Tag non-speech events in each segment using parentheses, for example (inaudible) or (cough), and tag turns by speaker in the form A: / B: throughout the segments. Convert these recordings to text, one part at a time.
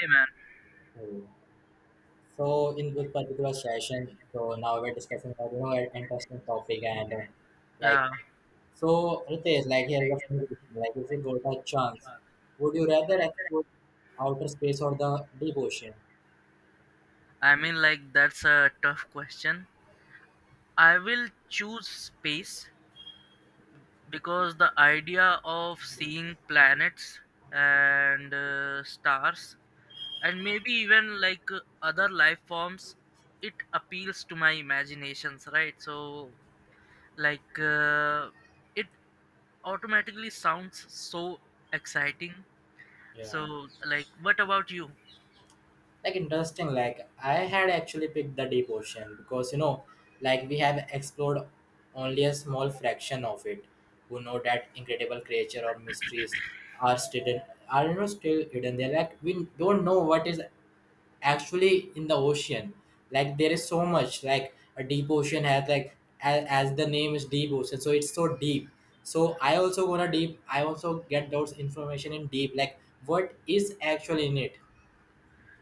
A: Hey man,
B: Oh. So in this particular session, so now we're discussing about an interesting topic and like
A: yeah.
B: so Ritesh, like here's a fun question. Like if you got a chance, would you rather explore outer space or the deep ocean?
A: I mean, that's a tough question. I will choose space because the idea of seeing planets and stars and maybe even like other life forms. It appeals to my imaginations, right? So, like, uh, it automatically sounds so exciting.
B: Yeah.
A: So, like, what about you?
B: Like interesting, like I had actually picked the deep ocean because like we have explored only a small fraction of it. Who know that incredible creature or mysteries are still are still hidden there. Like we don't know what is actually in the ocean, like there is so much. Like a deep ocean has like as the name is deep ocean, so it's so deep. So I also get those information in deep, like what is actually in it.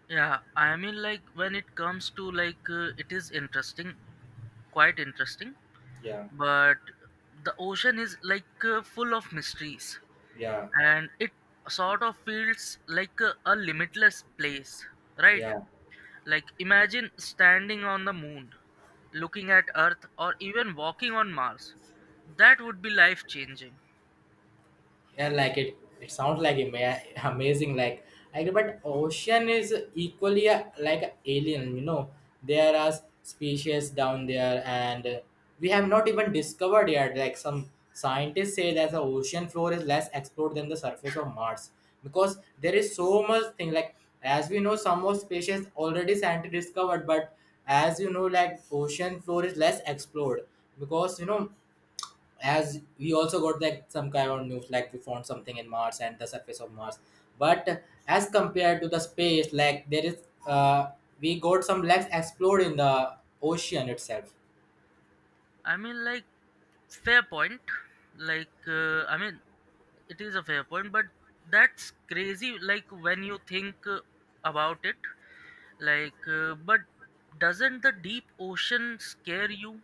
A: Yeah, I mean, like when it comes to like it is interesting, quite interesting,
B: Yeah,
A: but the ocean is like full of mysteries,
B: yeah,
A: and it sort of feels like a limitless place, right?
B: yeah,
A: Like imagine standing on the moon, looking at Earth, or even walking on Mars. That would be life changing.
B: yeah. Like it sounds like (laughs) amazing. Like, I agree, but ocean is equally like a alien, there are species down there, and we have not even discovered yet. Like, some scientists say that the ocean floor is less explored than the surface of Mars, because there is so much thing. Like, as we know, some of species already scientists discovered, but as you know, like ocean floor is less explored. Because as we also got like some kind of news, like we found something in Mars and the surface of Mars. But as compared to the space, like there is we got some less explored in the ocean itself.
A: I mean, like, fair point. Like, uh, I mean, it is a fair point, but that's crazy. Like, when you think about it, but doesn't the deep ocean scare you?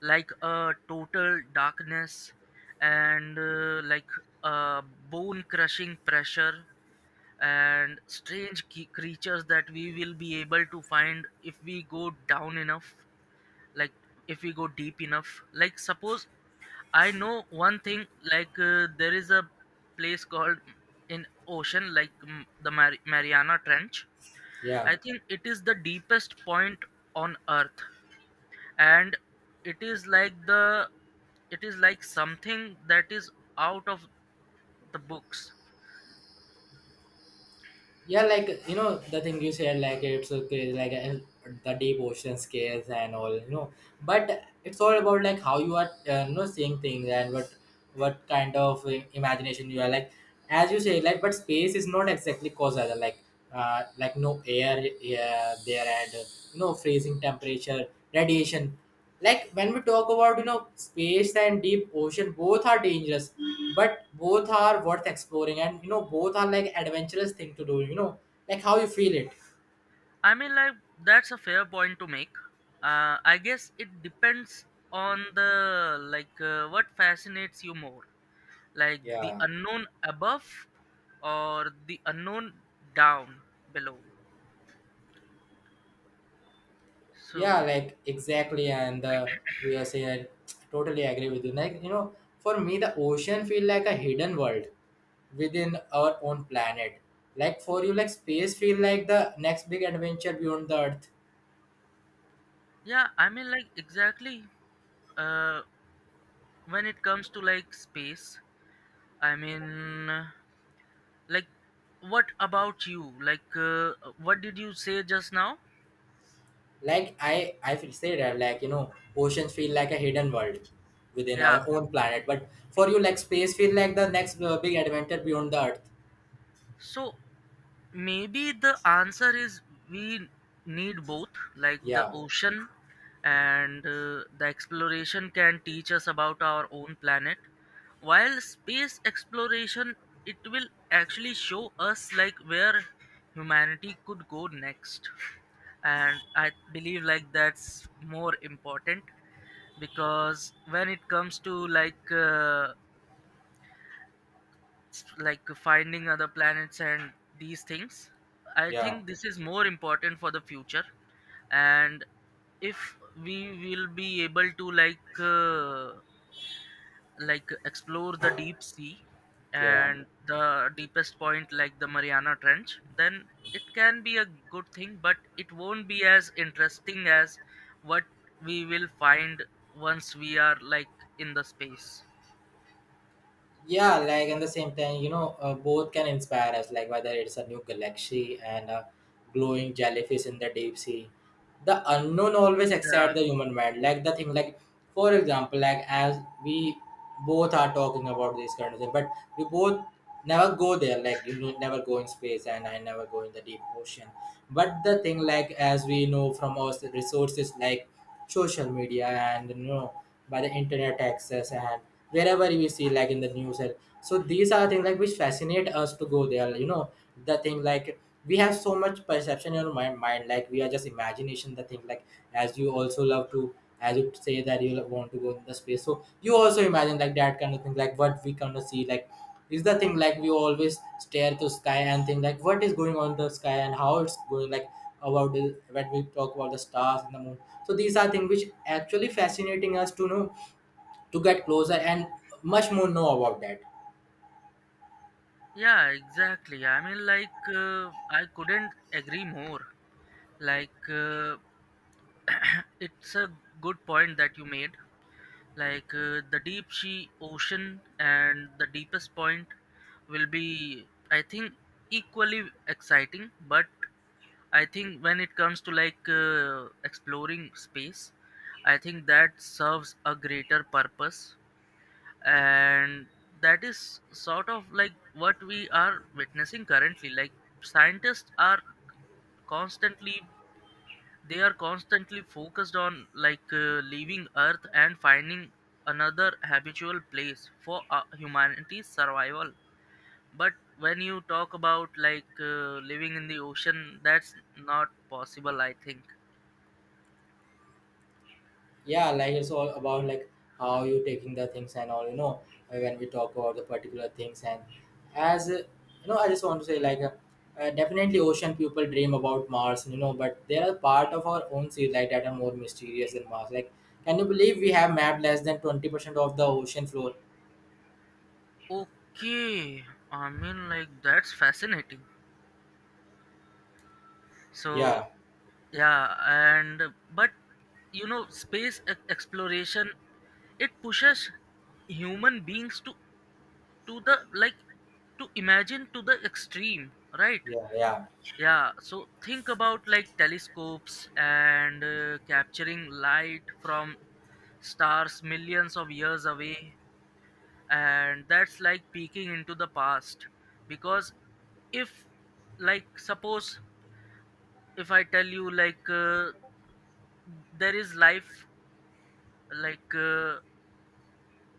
A: Like a total darkness and like a bone crushing pressure and strange creatures that we will be able to find if we go down enough. Like, if we go deep enough, like suppose I know one thing, like there is a place called in ocean like the Mariana Trench.
B: Yeah.
A: I think it is the deepest point on earth, and it is like the it is like something that is out of the books.
B: Yeah, like the thing you said, like it's okay, like the deep ocean scales and all. But it's all about like how you are, seeing things, and what kind of imagination you are. Like, as you say, like, but space is not exactly causal. Like no air, yeah, there, and freezing temperature, radiation. Like, when we talk about space and deep ocean, both are dangerous, but both are worth exploring, and both are like adventurous thing to do, like how you feel it.
A: I mean like that's a fair point to make. I guess it depends on the like what fascinates you more, like the
B: Yeah.
A: unknown above or the unknown down below.
B: Yeah,
A: So
B: like exactly, and we are saying I totally agree with you, like for me the ocean feel like a hidden world within our own planet. Like for you, like space feel like the next big adventure beyond the Earth.
A: yeah, I mean, like exactly. uh when it comes to like space, i mean uh, like, what about you? What did you say just now?
B: Like I feel say that, like oceans feel like a hidden world within our
A: Yeah,
B: own planet. But for you, like space feel like the next big adventure beyond the Earth.
A: so maybe the answer is we need both, like the
B: Yeah,
A: ocean and the exploration can teach us about our own planet, while space exploration, it will actually show us like where humanity could go next. And I believe like that's more important because when it comes to like like finding other planets and these things, I
B: yeah,
A: think this is more important for the future. And if we will be able to like like explore the deep sea
B: yeah.
A: and the deepest point like the Mariana Trench, then it can be a good thing, but it won't be as interesting as what we will find once we are like in the space.
B: Yeah, like in the same time, both can inspire us, like whether it's a new galaxy and a glowing jellyfish in the deep sea. The unknown always
A: Yeah.
B: excites the human mind, like the thing like, for example, like as we both are talking about this kind of thing, but we both never go there, like never go in space, and I never go in the deep ocean. But the thing like, as we know from our resources, like social media, and by the internet access, and wherever we see like in the news. And so these are things like which fascinate us to go there, the thing like we have so much perception in our mind, like we are just imagination, the thing like as you also love to as you say that you want to go in the space, so you also imagine like that kind of thing, like what we kind of see. Like is the thing, like we always stare to sky and think like what is going on in the sky and how it's going, like when we talk about the stars and the moon. So these are things which actually fascinating us to know, to get closer and much more know about that.
A: Yeah, exactly. I mean, I couldn't agree more. Like, it's a good point that you made. Like, the deep sea ocean and the deepest point will be, I think, equally exciting. But I think when it comes to like exploring space, I think that serves a greater purpose. And that is sort of like what we are witnessing currently. Like, scientists are constantly they are constantly focused on like leaving earth and finding another habitual place for humanity's survival. But when you talk about like living in the ocean, that's not possible, I think.
B: Yeah, like it's all about like how you taking the things and all, when we talk about the particular things. And as I just want to say, like definitely ocean people dream about Mars, but there are part of our own sea like that are more mysterious than Mars. Like, can you believe we have mapped less than 20% of the ocean floor?
A: Okay, I mean like that's fascinating. So
B: Yeah,
A: yeah. And but you know space exploration, it pushes human beings to the like to imagine to the extreme, right?
B: yeah, yeah,
A: Yeah. So think about like telescopes and capturing light from stars millions of years away, and that's like peeking into the past. Because if like suppose if I tell you like there is life like uh,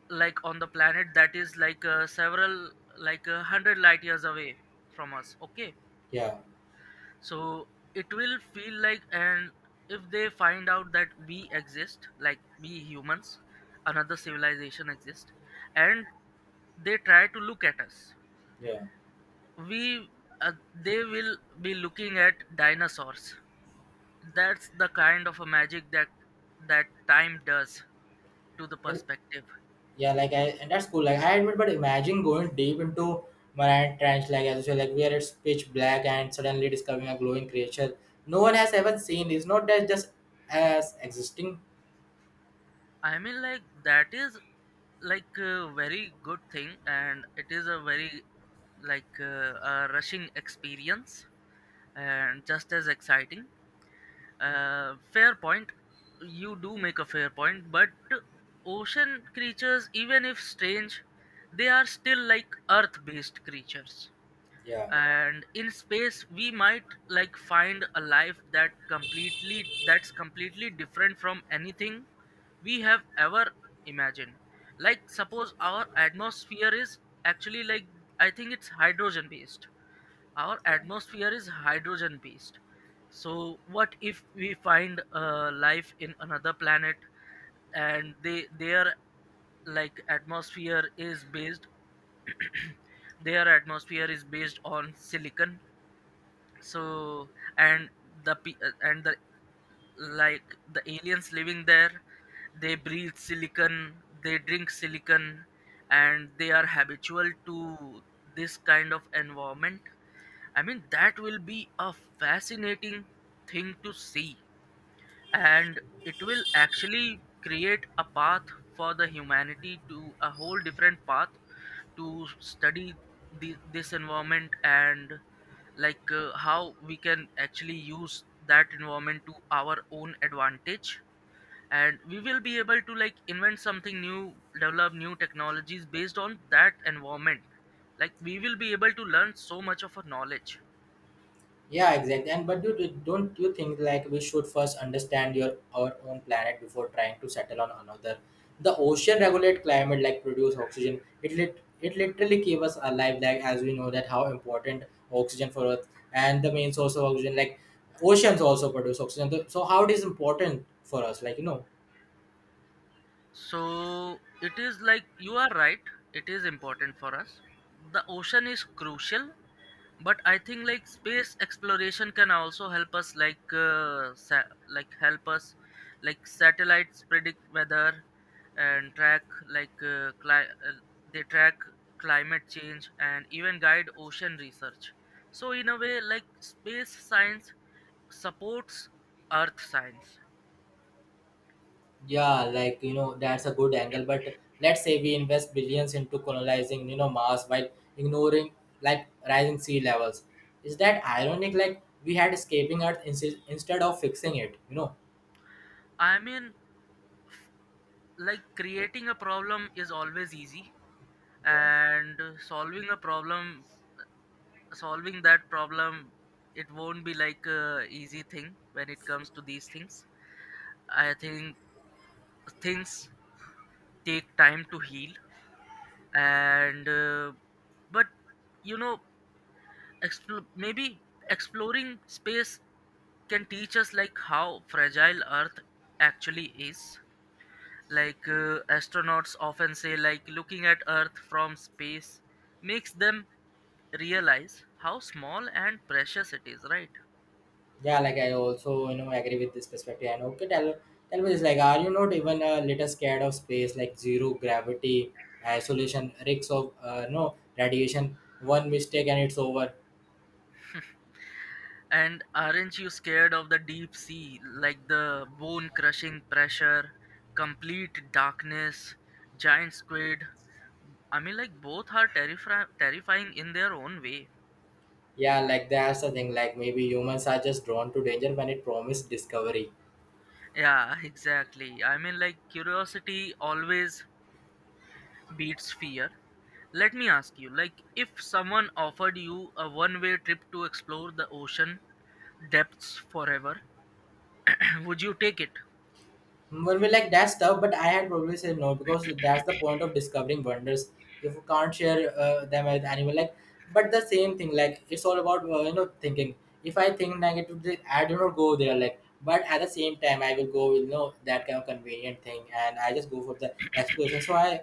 A: like on the planet that is like several like 100 light years away from us. Okay,
B: yeah,
A: so it will feel like, and if they find out that we exist, like we humans, another civilization exists, and they try to look at us, we they will be looking at dinosaurs. That's the kind of a magic that that time does to the
B: yeah.
A: perspective.
B: Yeah, like I and that's cool. Like I admit, but imagine going deep into Mariana Trench, like as you say, like where it's pitch black and suddenly discovering a glowing creature no one has ever seen. It's not that just as existing.
A: I mean like that is like a very good thing, and it is a very like a rushing experience and just as exciting. Fair point. You do make a fair point, but ocean creatures, even if strange, they are still like earth-based creatures.
B: Yeah.
A: And in space, we might like find a life that completely that's completely different from anything we have ever imagined. Like suppose our atmosphere is actually like I think it's hydrogen based, our
B: Yeah.
A: atmosphere is hydrogen based So what if we find life in another planet, and they their like atmosphere is based, their atmosphere is based on silicon. So and the and the like the aliens living there, they breathe silicon, they drink silicon, and they are habitual to this kind of environment. I mean, that will be a fascinating thing to see, and it will actually create a path for the humanity to a whole different path to study the this environment, and like how we can actually use that environment to our own advantage, and we will be able to like invent something new, develop new technologies based on that environment. Like we will be able to learn so much of a knowledge.
B: Yeah, exactly. And but don't you think, like we should first understand your our own planet before trying to settle on another? The ocean regulate climate, like produce oxygen. It literally keep us alive, like as we know that how important oxygen for Earth, and the main source of oxygen, like oceans also produce oxygen. So how it is important for us.
A: So it is like you are right, it is important for us. The ocean is crucial, but I think like space exploration can also help us like like help us like satellites predict weather and track they track climate change and even guide ocean research. So in a way like space science supports earth science.
B: Yeah, like that's a good angle. But let's say we invest billions into colonizing, Mars, while ignoring like rising sea levels. Is that ironic? Like we had escaping Earth instead of fixing it, you know?
A: I mean like creating a problem is always easy,
B: Yeah.
A: and solving a problem, solving that problem, it won't be like a easy thing when it comes to these things. I think things take time to heal. And but you know, maybe exploring space can teach us like how fragile earth actually is. Astronauts often say like looking at earth from space makes them realize how small and precious it is, right?
B: Yeah, like I also agree with this perspective. And okay, tell me this. Like, are you not even a little scared of space? Like zero gravity, isolation, risks of no radiation. One mistake and it's over.
A: And aren't you scared of the deep sea, like the bone crushing pressure, complete darkness, giant squid? I mean, like, both are terrifying, terrifying in their own way.
B: Yeah, like that's the thing. Like, maybe humans are just drawn to danger when it promised discovery.
A: Yeah, (laughs) exactly. I mean, like, curiosity always beats fear. Let me ask you, like, if someone offered you a one way trip to explore the ocean depths forever, (clears throat) would you take it?
B: Hmm. Well, we like that stuff, but I had probably said no, because that's the point of discovering wonders. If you can't share them with anyone, like, but the same thing, like it's all about thinking. If I think negatively, I do not go there. Like, but at the same time, I will go with that kind of convenient thing, and I just go for the exploration. So I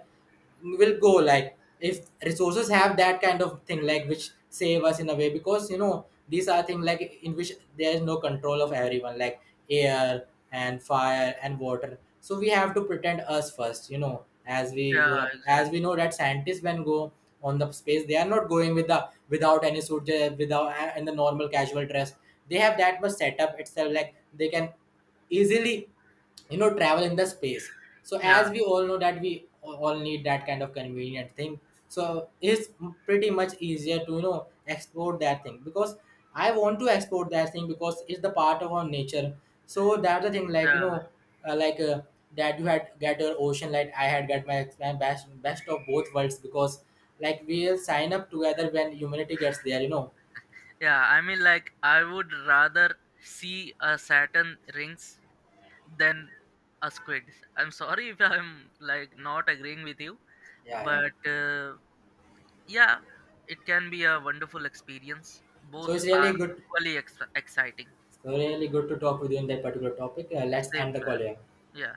B: will go, like if resources have that kind of thing like which save us in a way, because these are things like in which there is no control of everyone, like air and fire and water. So we have to pretend us first, as we go
A: Yeah,
B: up, as we
A: exactly.
B: know that scientists, when go on the space, they are not going with the without any suit, without in the normal casual dress. They have that much setup itself, like they can easily travel in the space. So as
A: Yeah,
B: we all know that we all need that kind of convenient thing. So it's pretty much easier to export that thing, because I want to export that thing, because it's the part of our nature. So that's the thing, like
A: yeah,
B: uh, like uh, that you had get your ocean light, I had get my best of both worlds, because like we'll sign up together when humanity gets there.
A: yeah. I mean, like, I would rather see a Saturn rings than a squid. I'm sorry if I'm like not agreeing with you,
B: Yeah, yeah.
A: but yeah, it can be a wonderful experience. Both
B: so it's
A: are
B: really good
A: equally exciting.
B: so really good to talk with you in that particular topic. Let's
A: Same
B: end the call
A: man.
B: here.
A: Yeah.